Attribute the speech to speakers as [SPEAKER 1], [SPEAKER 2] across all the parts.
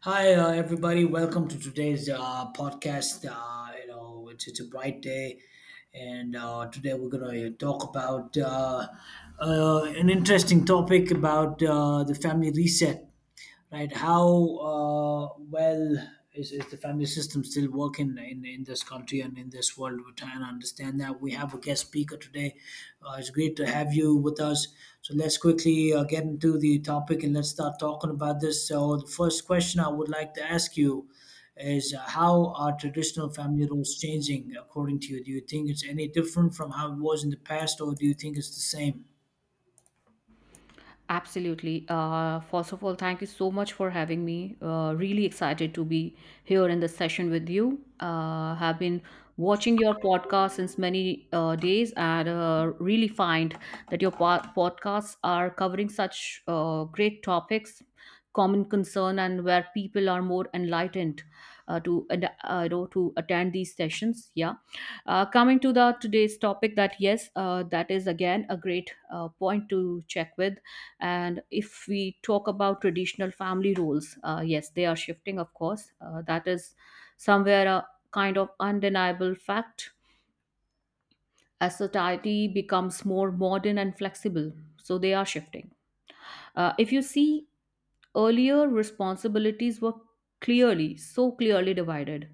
[SPEAKER 1] Hi, everybody. Welcome to today's podcast. It's a bright day, and today we're going to talk about an interesting topic about the family reset, right? How well is the family system still working in this country and in this world? We're trying to understand that. We have a guest speaker today. It's great to have you with us. So let's quickly get into the topic and let's start talking about this. So the first question I would like to ask you is, how are traditional family roles changing, according to you? Do you think it's any different from how it was in the past, or do you think it's the same?
[SPEAKER 2] Absolutely. First of all, thank you so much for having me. Really excited to be here in this session with you. Have been watching your podcast since many days and really find that your podcasts are covering such great topics, common concern, and where people are more enlightened to and, to attend these sessions. Yeah. Coming to the today's topic, that yes, that is again a great point to check with, and if we talk about traditional family roles, yes, they are shifting, of course. That is somewhere a kind of undeniable fact as society becomes more modern and flexible. So they are shifting. If you see, earlier responsibilities were so clearly divided.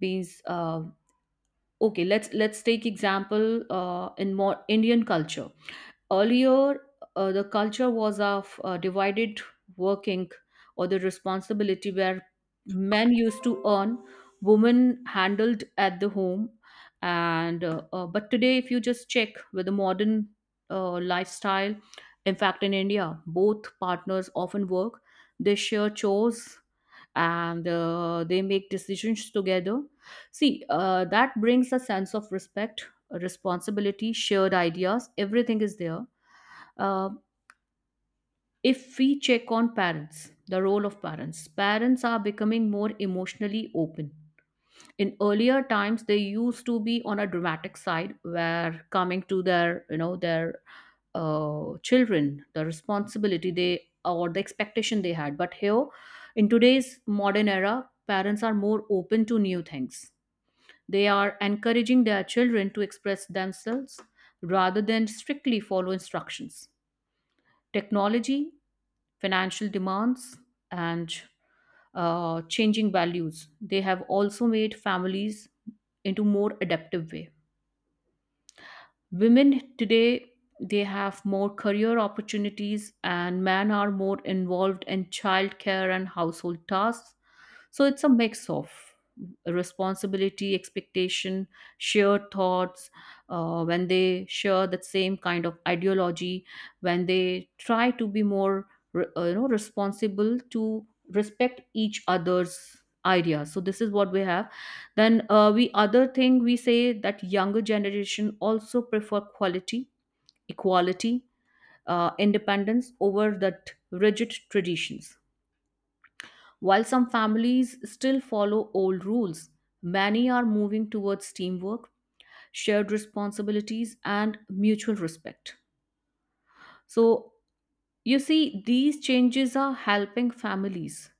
[SPEAKER 2] Means, okay, let's take example in more Indian culture. Earlier, the culture was of divided working or the responsibility, where men used to earn, women handled at the home. And but today, if you just check with the modern lifestyle, in fact, in India, both partners often work. They share chores and they make decisions together. See, that brings a sense of respect, responsibility, shared ideas. Everything is there. Uh, if we check on parents, the role of parents, parents are becoming more emotionally open. In earlier times, they used to be on a dramatic side, where coming to their, their children, the responsibility they or the expectation they had. But here, in today's modern era, parents are more open to new things. They are encouraging their children to express themselves rather than strictly follow instructions. Technology, financial demands, and changing values, they have also made families into more adaptive way. Women today, they have more career opportunities and men are more involved in childcare and household tasks, so it's a mix of responsibility, expectation, shared thoughts, when they share that same kind of ideology, when they try to be more responsible to respect each other's ideas, so this is what we have. Then we other thing we say that younger generation also prefer quality equality independence over that rigid traditions. While some families still follow old rules, many are moving towards teamwork, shared responsibilities, and mutual respect. So, you see, these changes are helping families.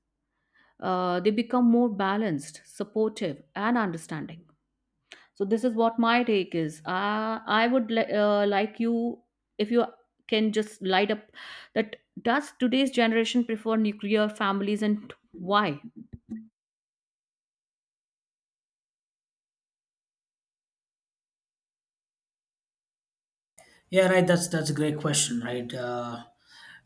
[SPEAKER 2] They become more balanced, supportive, and understanding. So, this is what my take is. I would like you, if you can just light up that, does today's generation prefer nuclear families and why?
[SPEAKER 1] Yeah, right, that's a great question, right? uh,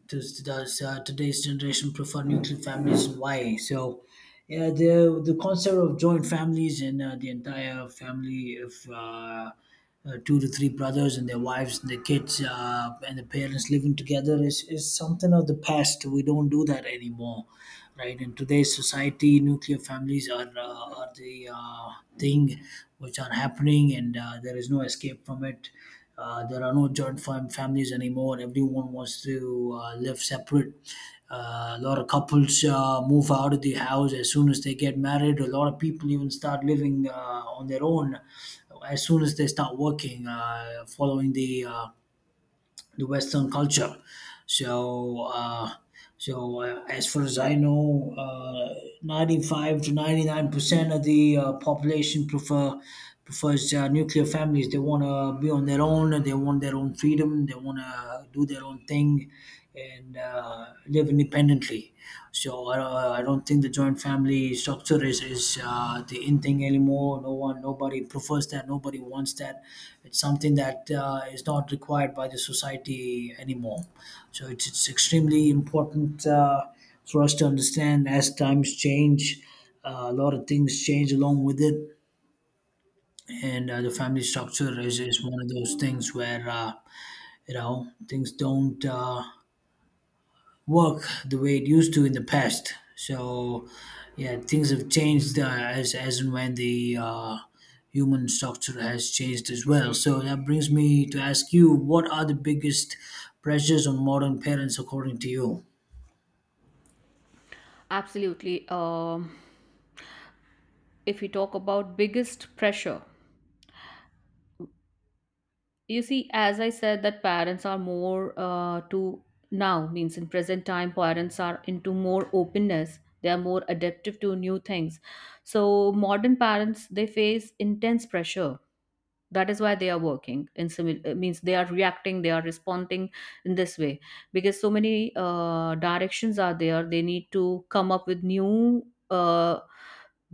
[SPEAKER 1] does does uh, today's generation prefer nuclear families and why? So, yeah, the concept of joint families and the entire family of two to three brothers and their wives and their kids, and the parents living together is something of the past. We don't do that anymore, right? In today's society, nuclear families are the thing which are happening, and there is no escape from it. There are no families anymore. Everyone wants to live separate. A lot of couples move out of the house as soon as they get married. A lot of people even start living on their own as soon as they start working, following the Western culture. So, uh, so, as far as I know, 95% to 99% of the population prefers nuclear families. They want to be on their own. They want their own freedom. They want to do their own thing and live independently. So I don't think the joint family structure is the in thing anymore. No one, nobody prefers that. Nobody wants that. It's something that is not required by the society anymore. So it's extremely important for us to understand as times change. A lot of things change along with it, and the family structure is one of those things where things don't work the way it used to in the past. So, yeah, things have changed as and when the human structure has changed as well. So that brings me to ask you, what are the biggest pressures on modern parents, according to you?
[SPEAKER 2] Absolutely. If we talk about biggest pressure, you see, as I said that parents are more to now, means in present time parents are into more openness, they are more adaptive to new things. So modern parents, they face intense pressure. That is why they are working in means they are reacting, they are responding in this way, because so many directions are there, they need to come up with new uh,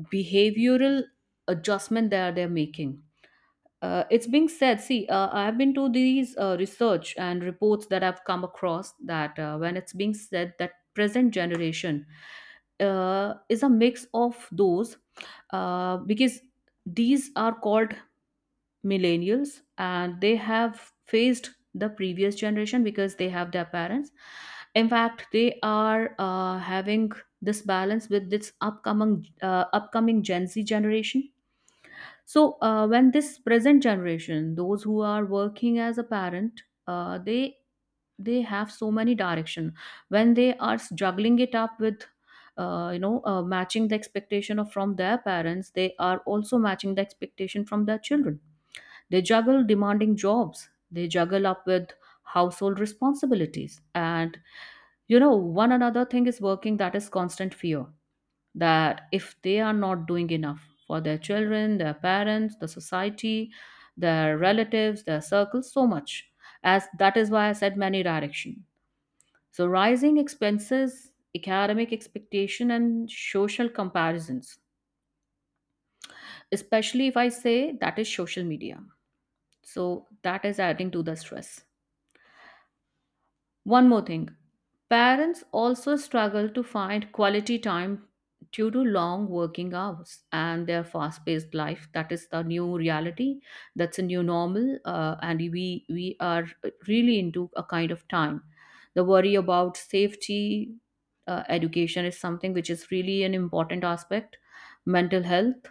[SPEAKER 2] behavioral adjustment that they're making. It's being said, see, I've been to these research and reports that I've come across, that when it's being said that present generation is a mix of those because these are called millennials and they have faced the previous generation because they have their parents. In fact, they are having this balance with this upcoming Gen Z generation. So, when this present generation, those who are working as a parent, they have so many direction. When they are juggling it up with, matching the expectation of from their parents, they are also matching the expectation from their children. They juggle demanding jobs. They juggle up with household responsibilities, and you know, one another thing is working, that is constant fear that if they are not doing enough for their children, their parents, the society, their relatives, their circles, so much. As that is why I said many direction. So rising expenses, academic expectation, and social comparisons, especially if I say that is social media. So that is adding to the stress. One more thing, parents also struggle to find quality time due to long working hours and their fast paced life. That is the new reality, that's a new normal, and we are really into a kind of time. The worry about safety, education is something which is really an important aspect, mental health,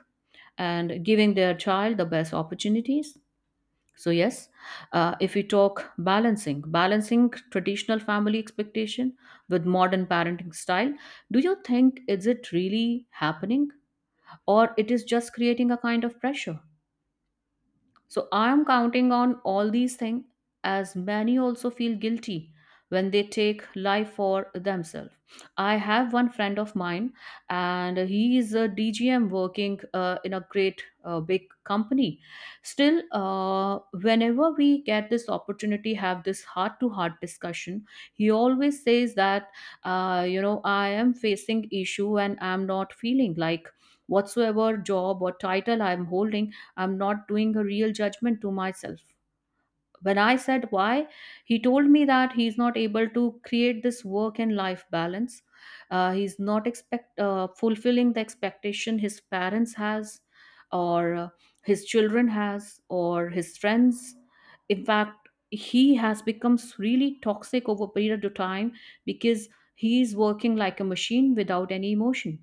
[SPEAKER 2] and giving their child the best opportunities. So yes, if we talk balancing, traditional family expectation with modern parenting style, do you think is it really happening or it is just creating a kind of pressure? So I'm counting on all these things, as many also feel guilty when they take life for themselves. I have one friend of mine and he is a DGM working in a great big company. Still, whenever we get this opportunity, have this heart to heart discussion, he always says that, I am facing issue and I'm not feeling like whatsoever job or title I'm holding, I'm not doing a real judgment to myself. When I said why, he told me that he's not able to create this work and life balance. He's not expect fulfilling the expectation his parents has, or his children has, or his friends. In fact, he has become really toxic over a period of time because he's working like a machine without any emotion.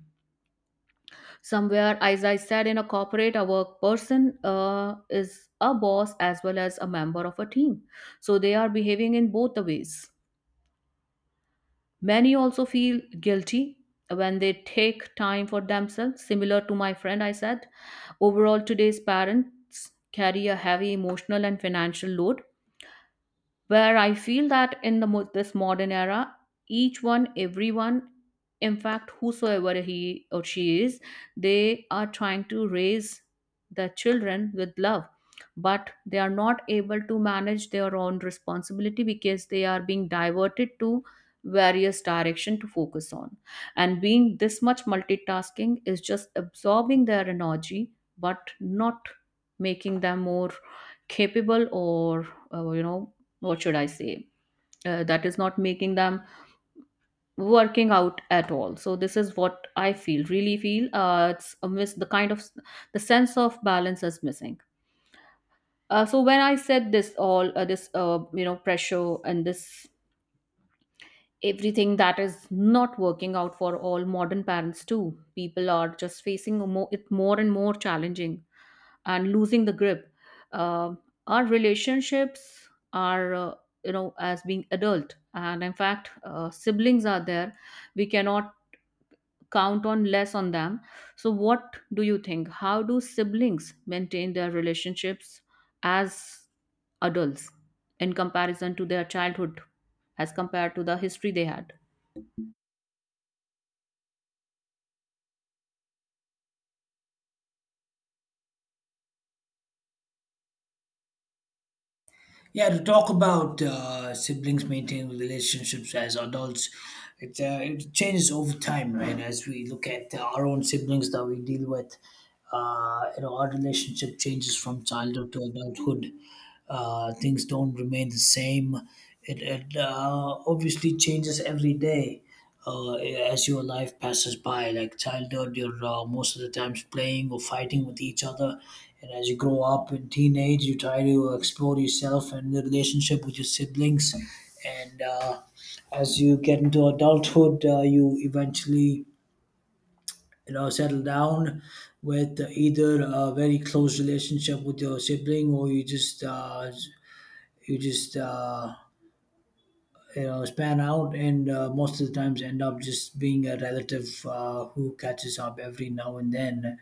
[SPEAKER 2] Somewhere, as I said, in a corporate, a work person is a boss as well as a member of a team, so they are behaving in both the ways. Many also feel guilty when they take time for themselves, similar to my friend I said. Overall, today's parents carry a heavy emotional and financial load, where I feel that in the this modern era, each one, everyone, in fact, whosoever he or she is, they are trying to raise their children with love, but they are not able to manage their own responsibility because they are being diverted to various direction to focus on, and being this much multitasking is just absorbing their energy but not making them more capable or uh, you know what should I say? That is not making them working out at all. So this is what I feel, really feel. It's a miss, the kind of the sense of balance is missing. So when I said this all, this pressure and this everything that is not working out for all modern parents too, people are just facing it more and more challenging and losing the grip. Uh, our relationships are as being adult, and in fact siblings are there, we cannot count on less on them. So what do you think, how do siblings maintain their relationships as adults in comparison to their childhood, as compared to the history they had?
[SPEAKER 1] Yeah, to talk about siblings maintaining relationships as adults, it changes over time, right? As we look at our own siblings that we deal with, our relationship changes from childhood to adulthood. Things don't remain the same. It obviously changes every day as your life passes by. Like childhood, you're most of the times playing or fighting with each other, and as you grow up in teenage, you try to explore yourself and the relationship with your siblings. And as you get into adulthood, you eventually settle down with either a very close relationship with your sibling, or you just span out, and most of the times end up just being a relative who catches up every now and then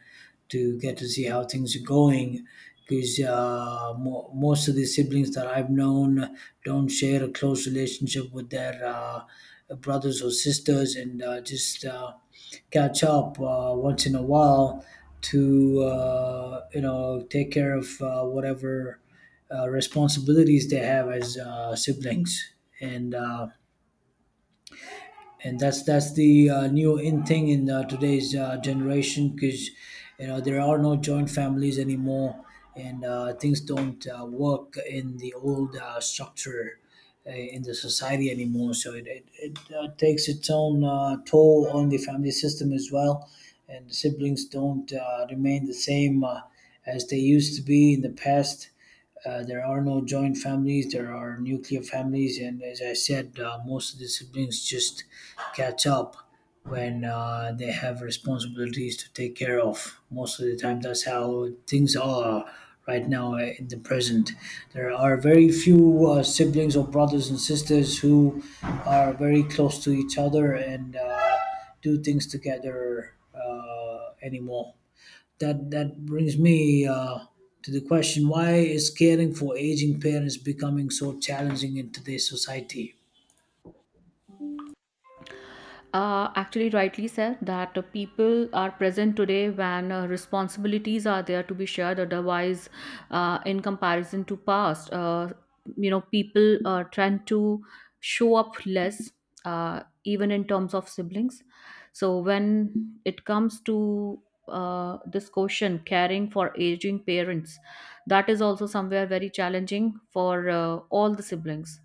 [SPEAKER 1] to get to see how things are going, because most of the siblings that I've known don't share a close relationship with their brothers or sisters, and just catch up once in a while to take care of whatever responsibilities they have as siblings, and uh, and that's the new in thing in today's generation, because there are no joint families anymore, and things don't work in the old structure in the society anymore. So it takes its own toll on the family system as well, and siblings don't remain the same as they used to be in the past. There are no joint families, there are nuclear families, and as I said, most of the siblings just catch up when they have responsibilities to take care of. Most of the time, that's how things are right now in the present. There are very few siblings or brothers and sisters who are very close to each other and do things together anymore. That that brings me to the question: why is caring for aging parents becoming so challenging in today's society?
[SPEAKER 2] Actually rightly said that people are present today when responsibilities are there to be shared, otherwise in comparison to past, people tend to show up less, even in terms of siblings. So when it comes to this question, caring for aging parents, that is also somewhere very challenging for all the siblings.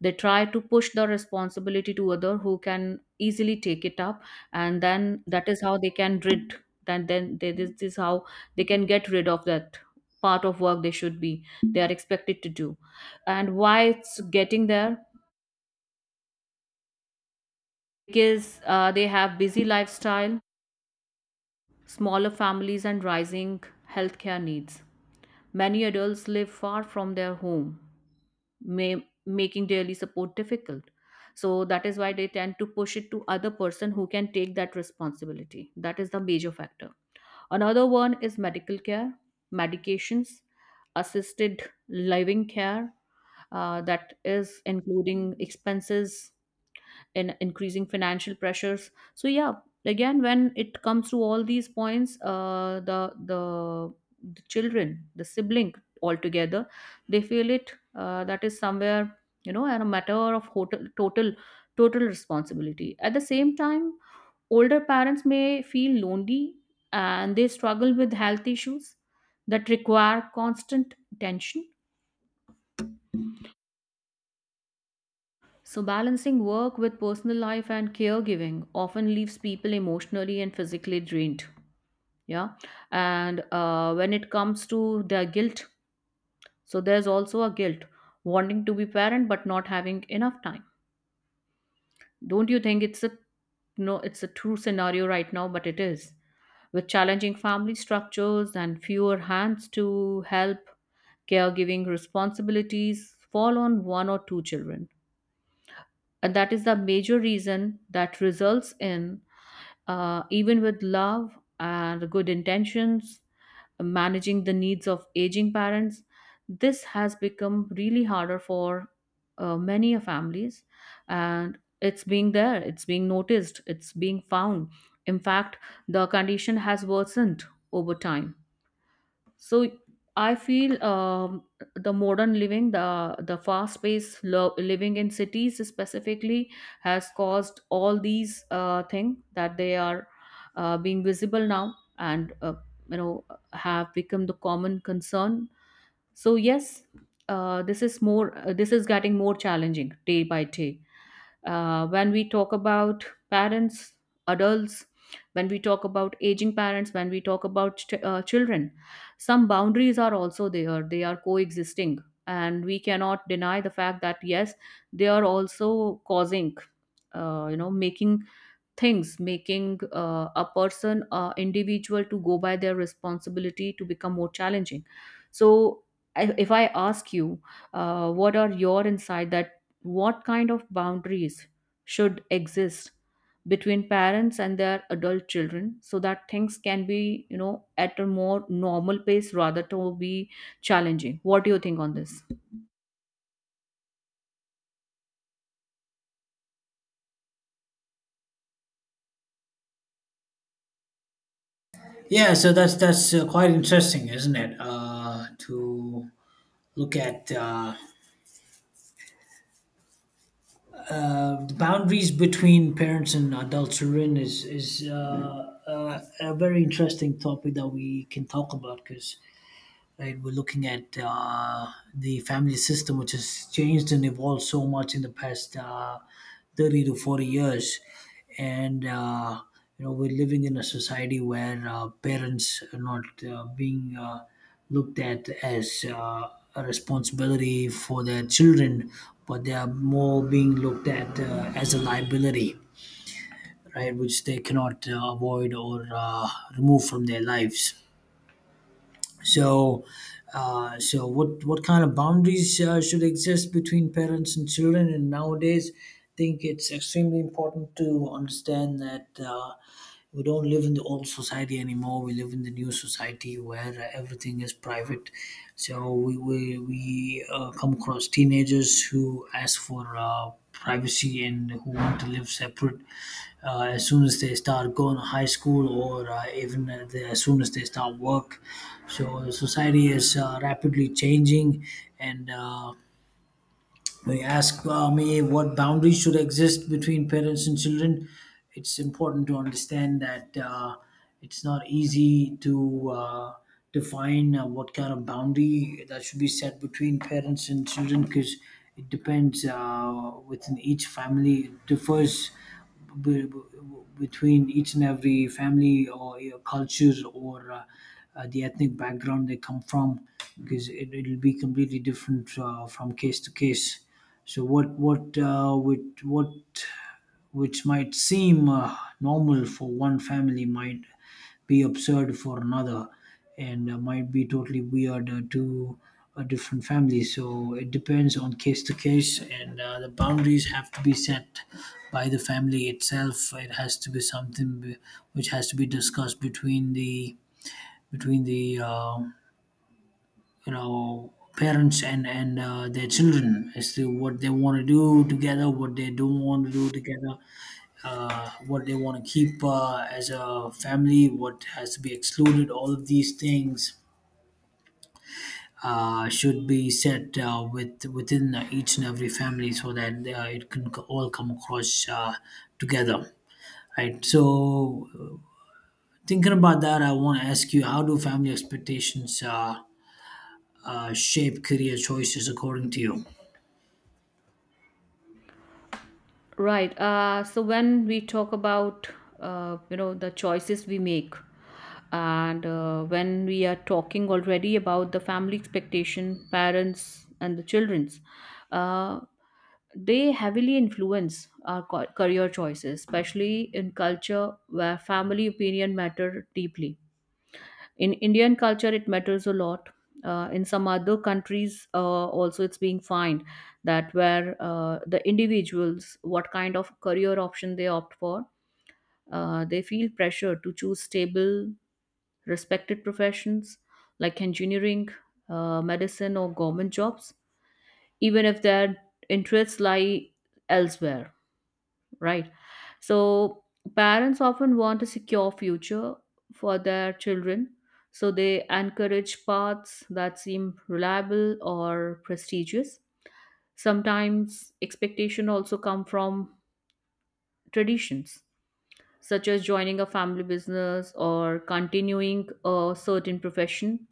[SPEAKER 2] They try to push the responsibility to other who can easily take it up, and then that is how they can rid, this is how they can get rid of that part of work they should be, they are expected to do. And why it's getting there, because they have busy lifestyle, smaller families, and rising healthcare needs. Many adults live far from their home, may making daily support difficult. So that is why they tend to push it to other person who can take that responsibility. That is the major factor. Another one is medical care, medications, assisted living care, that is including expenses and increasing financial pressures. So yeah, again when it comes to all these points, the children, the sibling altogether, they feel it. That is somewhere, and a matter of total responsibility. At the same time, older parents may feel lonely and they struggle with health issues that require constant attention. So, balancing work with personal life and caregiving often leaves people emotionally and physically drained. Yeah. And when it comes to their guilt, so there's also a guilt wanting to be parent but not having enough time. Don't you think it's a, no, it's a true scenario right now, but it is, with challenging family structures and fewer hands to help, caregiving responsibilities fall on one or two children. And that is the major reason that results in even with love and good intentions, managing the needs of aging parents, this has become really harder for many of families. And it's being there, it's being noticed, it's being found. In fact, the condition has worsened over time. So I feel the modern living, the living in cities specifically, has caused all these things that they are being visible now, and uh, you know have become the common concern. So yes, this is more. Uh, this is getting more challenging day by day. When we talk about parents, adults, when we talk about aging parents, when we talk about children, some boundaries are also there. They are coexisting. And we cannot deny the fact that, yes, they are also causing, making things making a person individual to go by their responsibility to become more challenging. So if I ask you, what are your insight that what kind of boundaries should exist between parents and their adult children so that things can be, you know at a more normal pace rather to be challenging? What do you think on this?
[SPEAKER 1] Yeah, so that's quite interesting, isn't it? To look at the boundaries between parents and adult children is a very interesting topic that we can talk about, because, right? We're looking at the family system, which has changed and evolved so much in the past 30 to 40 years. And, we're living in a society where parents are not being looked at as a responsibility for their children, but they are more being looked at as a liability, right? Which they cannot avoid or remove from their lives. So, so what kind of boundaries should exist between parents and children? And nowadays, I think it's extremely important to understand that we don't live in the old society anymore. We live in the new society where everything is private. So we come across teenagers who ask for privacy and who want to live separate as soon as they start going to high school, or even as soon as they start work. So the society is rapidly changing, and when you ask me what boundaries should exist between parents and children, it's important to understand that it's not easy to define what kind of boundary that should be set between parents and children, because it depends, within each family. It differs b- b- between each and every family, or your cultures, or the ethnic background they come from, because it'll be completely different from case to case. So what which, what which might seem normal for one family might be absurd for another, and might be totally weird to a different family. So it depends on case to case, and the boundaries have to be set by the family itself. It has to be something which has to be discussed between the parents and their children, as to what they want to do together, what they don't want to do together, what they want to keep as a family, what has to be excluded. All of these things should be set within each and every family, so that all come across together. Right. So, thinking about that, I want to ask you: how do family expectations shape career choices, according to you?
[SPEAKER 2] Right. So when we talk about uh, the choices we make, and when we are talking already about the family expectation, parents and the childrens, uh, they heavily influence our career choices, especially in culture where family opinion matter deeply. In indian culture it matters a lot. In some other countries also it's being found that where the individuals, what kind of career option they opt for, they feel pressure to choose stable, respected professions like engineering, medicine or government jobs, even if their interests lie elsewhere, right? So parents often want a secure future for their children, so they encourage paths that seem reliable or prestigious. Sometimes expectation also come from traditions, such as joining a family business or continuing a certain profession.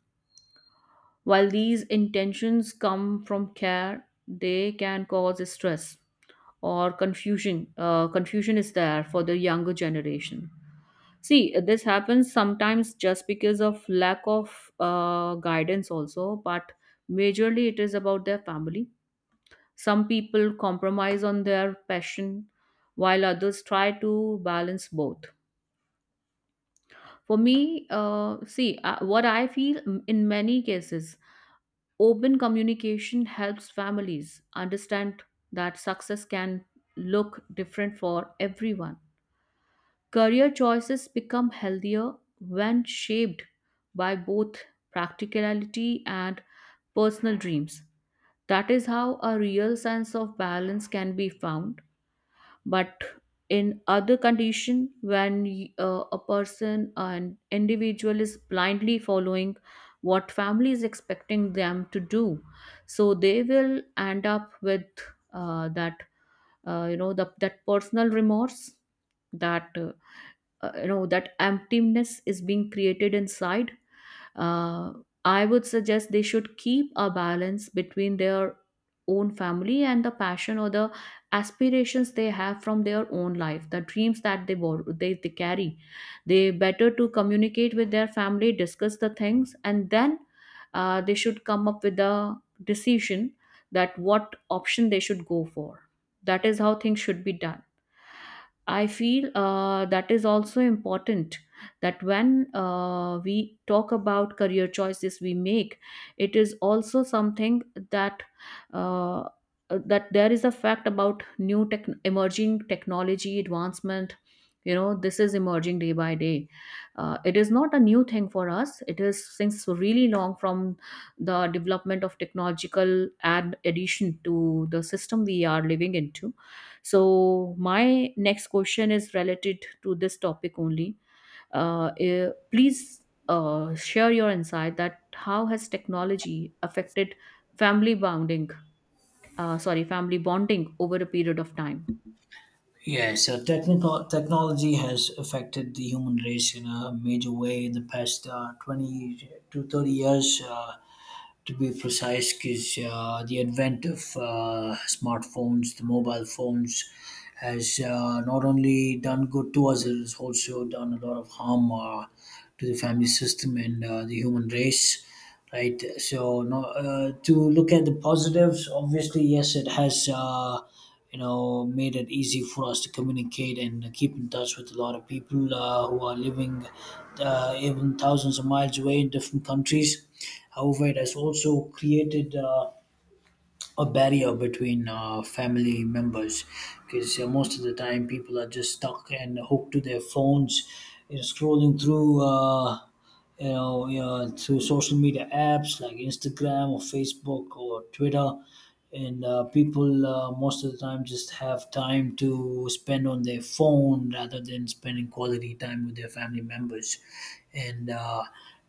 [SPEAKER 2] While these intentions come from care, they can cause stress or confusion. Confusion is there for the younger generation. See, this happens sometimes just because of lack of guidance, also, but majorly it is about their family. Some people compromise on their passion, while others try to balance both. For me, see, what I feel in many cases, open communication helps families understand that success can look different for everyone. Career choices become healthier when shaped by both practicality and personal dreams. That is how a real sense of balance can be found. But in other condition, when a person, an individual is blindly following what family is expecting them to do, so they will end up with that, uh, the, that personal remorse, that uh, that emptiness is being created inside. uh, I would suggest they should keep a balance between their own family and the passion or the aspirations they have from their own life, the dreams that they carry. They better to communicate with their family, discuss the things, and then they should come up with a decision that what option they should go for. That is how things should be done. I feel that is also important, that when we talk about career choices we make, it is also something that uh, that there is a fact about new tech, emerging technology advancement. You know, this is emerging day by day. It is not a new thing for us. It is since really long from the development of technological addition to the system we are living into. So, my next question is related to this topic only. Please share your insight that how has technology affected family bonding? Sorry, family bonding over a period of time.
[SPEAKER 1] Yeah, so technical technology has affected the human race in a major way in the past 20 to 30 years, to be precise, because the advent of smartphones, the mobile phones, has not only done good to us, it has also done a lot of harm to the family system and the human race. Right, so no, to look at the positives, obviously, yes, it has. Made it easy for us to communicate and keep in touch with a lot of people who are living even thousands of miles away in different countries. However, it has also created a barrier between family members, because most of the time people are just stuck and hooked to their phones, scrolling through. Through social media apps like Instagram or Facebook or Twitter. And people, most of the time, just have time to spend on their phone rather than spending quality time with their family members. And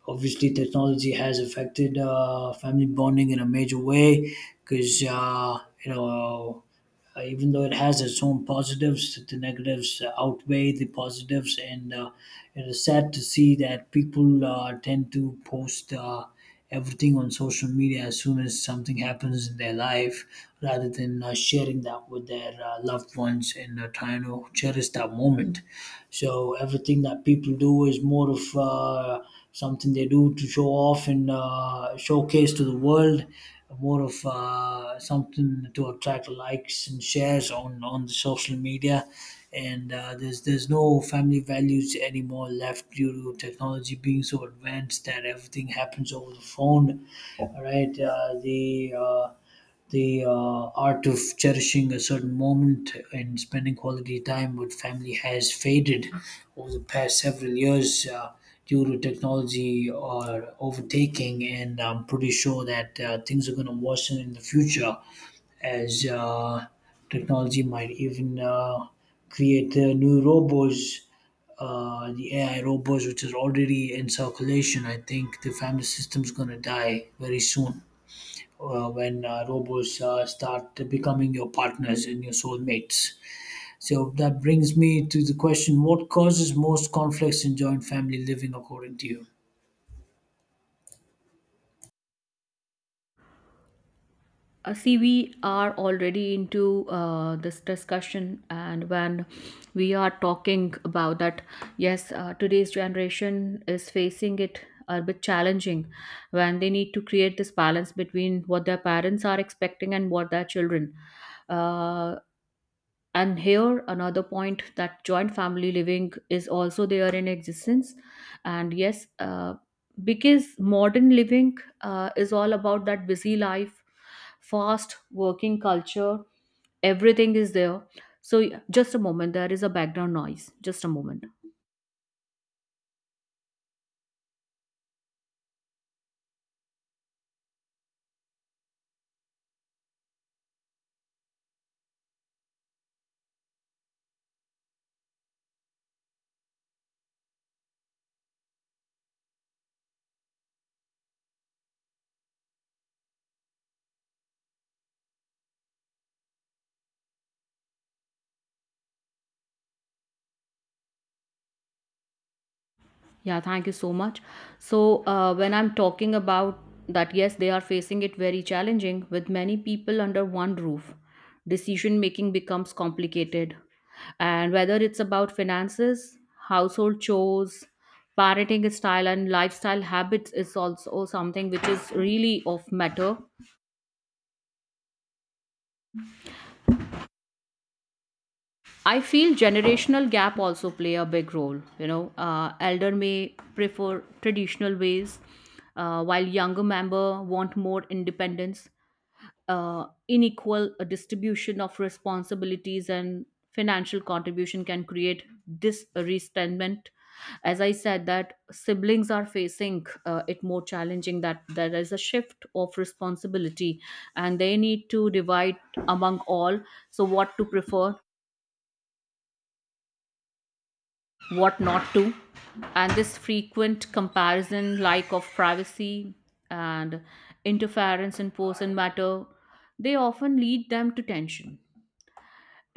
[SPEAKER 1] obviously, technology has affected family bonding in a major way because, you know, even though it has its own positives, the negatives outweigh the positives, and it is sad to see that people tend to post everything on social media as soon as something happens in their life, rather than sharing that with their loved ones and trying to cherish that moment. So everything that people do is more of something they do to show off and showcase to the world, more of something to attract likes and shares on the social media. And there's no family values anymore left, due to technology being so advanced that everything happens over the phone. All right, the art of cherishing a certain moment and spending quality time with family has faded over the past several years due to technology or overtaking, and I'm pretty sure that things are going to worsen in the future, as technology might even create new robots. The AI robots, which is already in circulation, I think the family system's gonna die very soon when robots start becoming your partners and your soulmates. So that brings me to the question: what causes most conflicts in joint family living, according to you?
[SPEAKER 2] See, we are already into this discussion, and when we are talking about that, yes, today's generation is facing it a bit challenging when they need to create this balance between what their parents are expecting and what their children. uh, and here another point, that joint family living is also there in existence. And yes, because modern living is all about that busy life, fast working culture, everything is there. So just a moment, there is a background noise, just a moment. Yeah, thank you so much. So, when I'm talking about that, yes, they are facing it very challenging with many people under one roof. Decision making becomes complicated. And whether it's about finances, household chores, parenting style, and lifestyle habits is also something which is really of matter. I feel generational gap also play a big role. You know, elder may prefer traditional ways, while younger member want more independence. Unequal distribution of responsibilities and financial contribution can create this resentment. As I said, that siblings are facing it more challenging. That there is a shift of responsibility, and they need to divide among all. So, what to prefer? What not to? And this frequent comparison, like of privacy and interference in person matter, they often lead them to tension.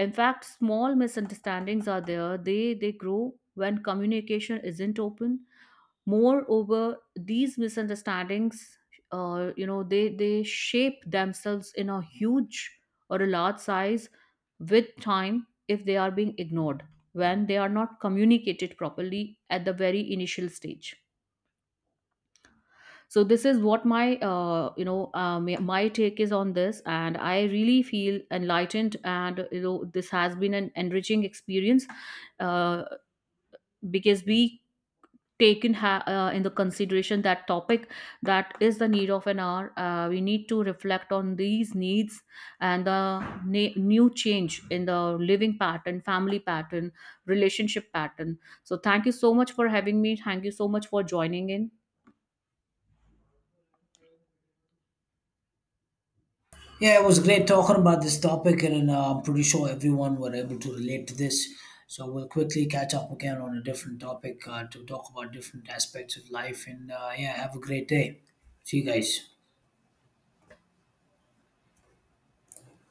[SPEAKER 2] In fact, small misunderstandings are there, they grow when communication isn't open. Moreover, these misunderstandings, they shape themselves in a huge or a large size with time if they are being ignored, when they are not communicated properly at the very initial stage. So this is what my my take is on this, and I really feel enlightened and you know, this has been an enriching experience, uh, because we in the consideration that topic that is the need of an hour. We need to reflect on these needs and the new change in the living pattern, family pattern, relationship pattern. So thank you so much for having me, thank you so much for joining in.
[SPEAKER 1] Yeah, it was great talking about this topic, and I'm pretty sure everyone were able to relate to this. So we'll quickly catch up again on a different topic to talk about different aspects of life. And yeah, have a great day. See you guys.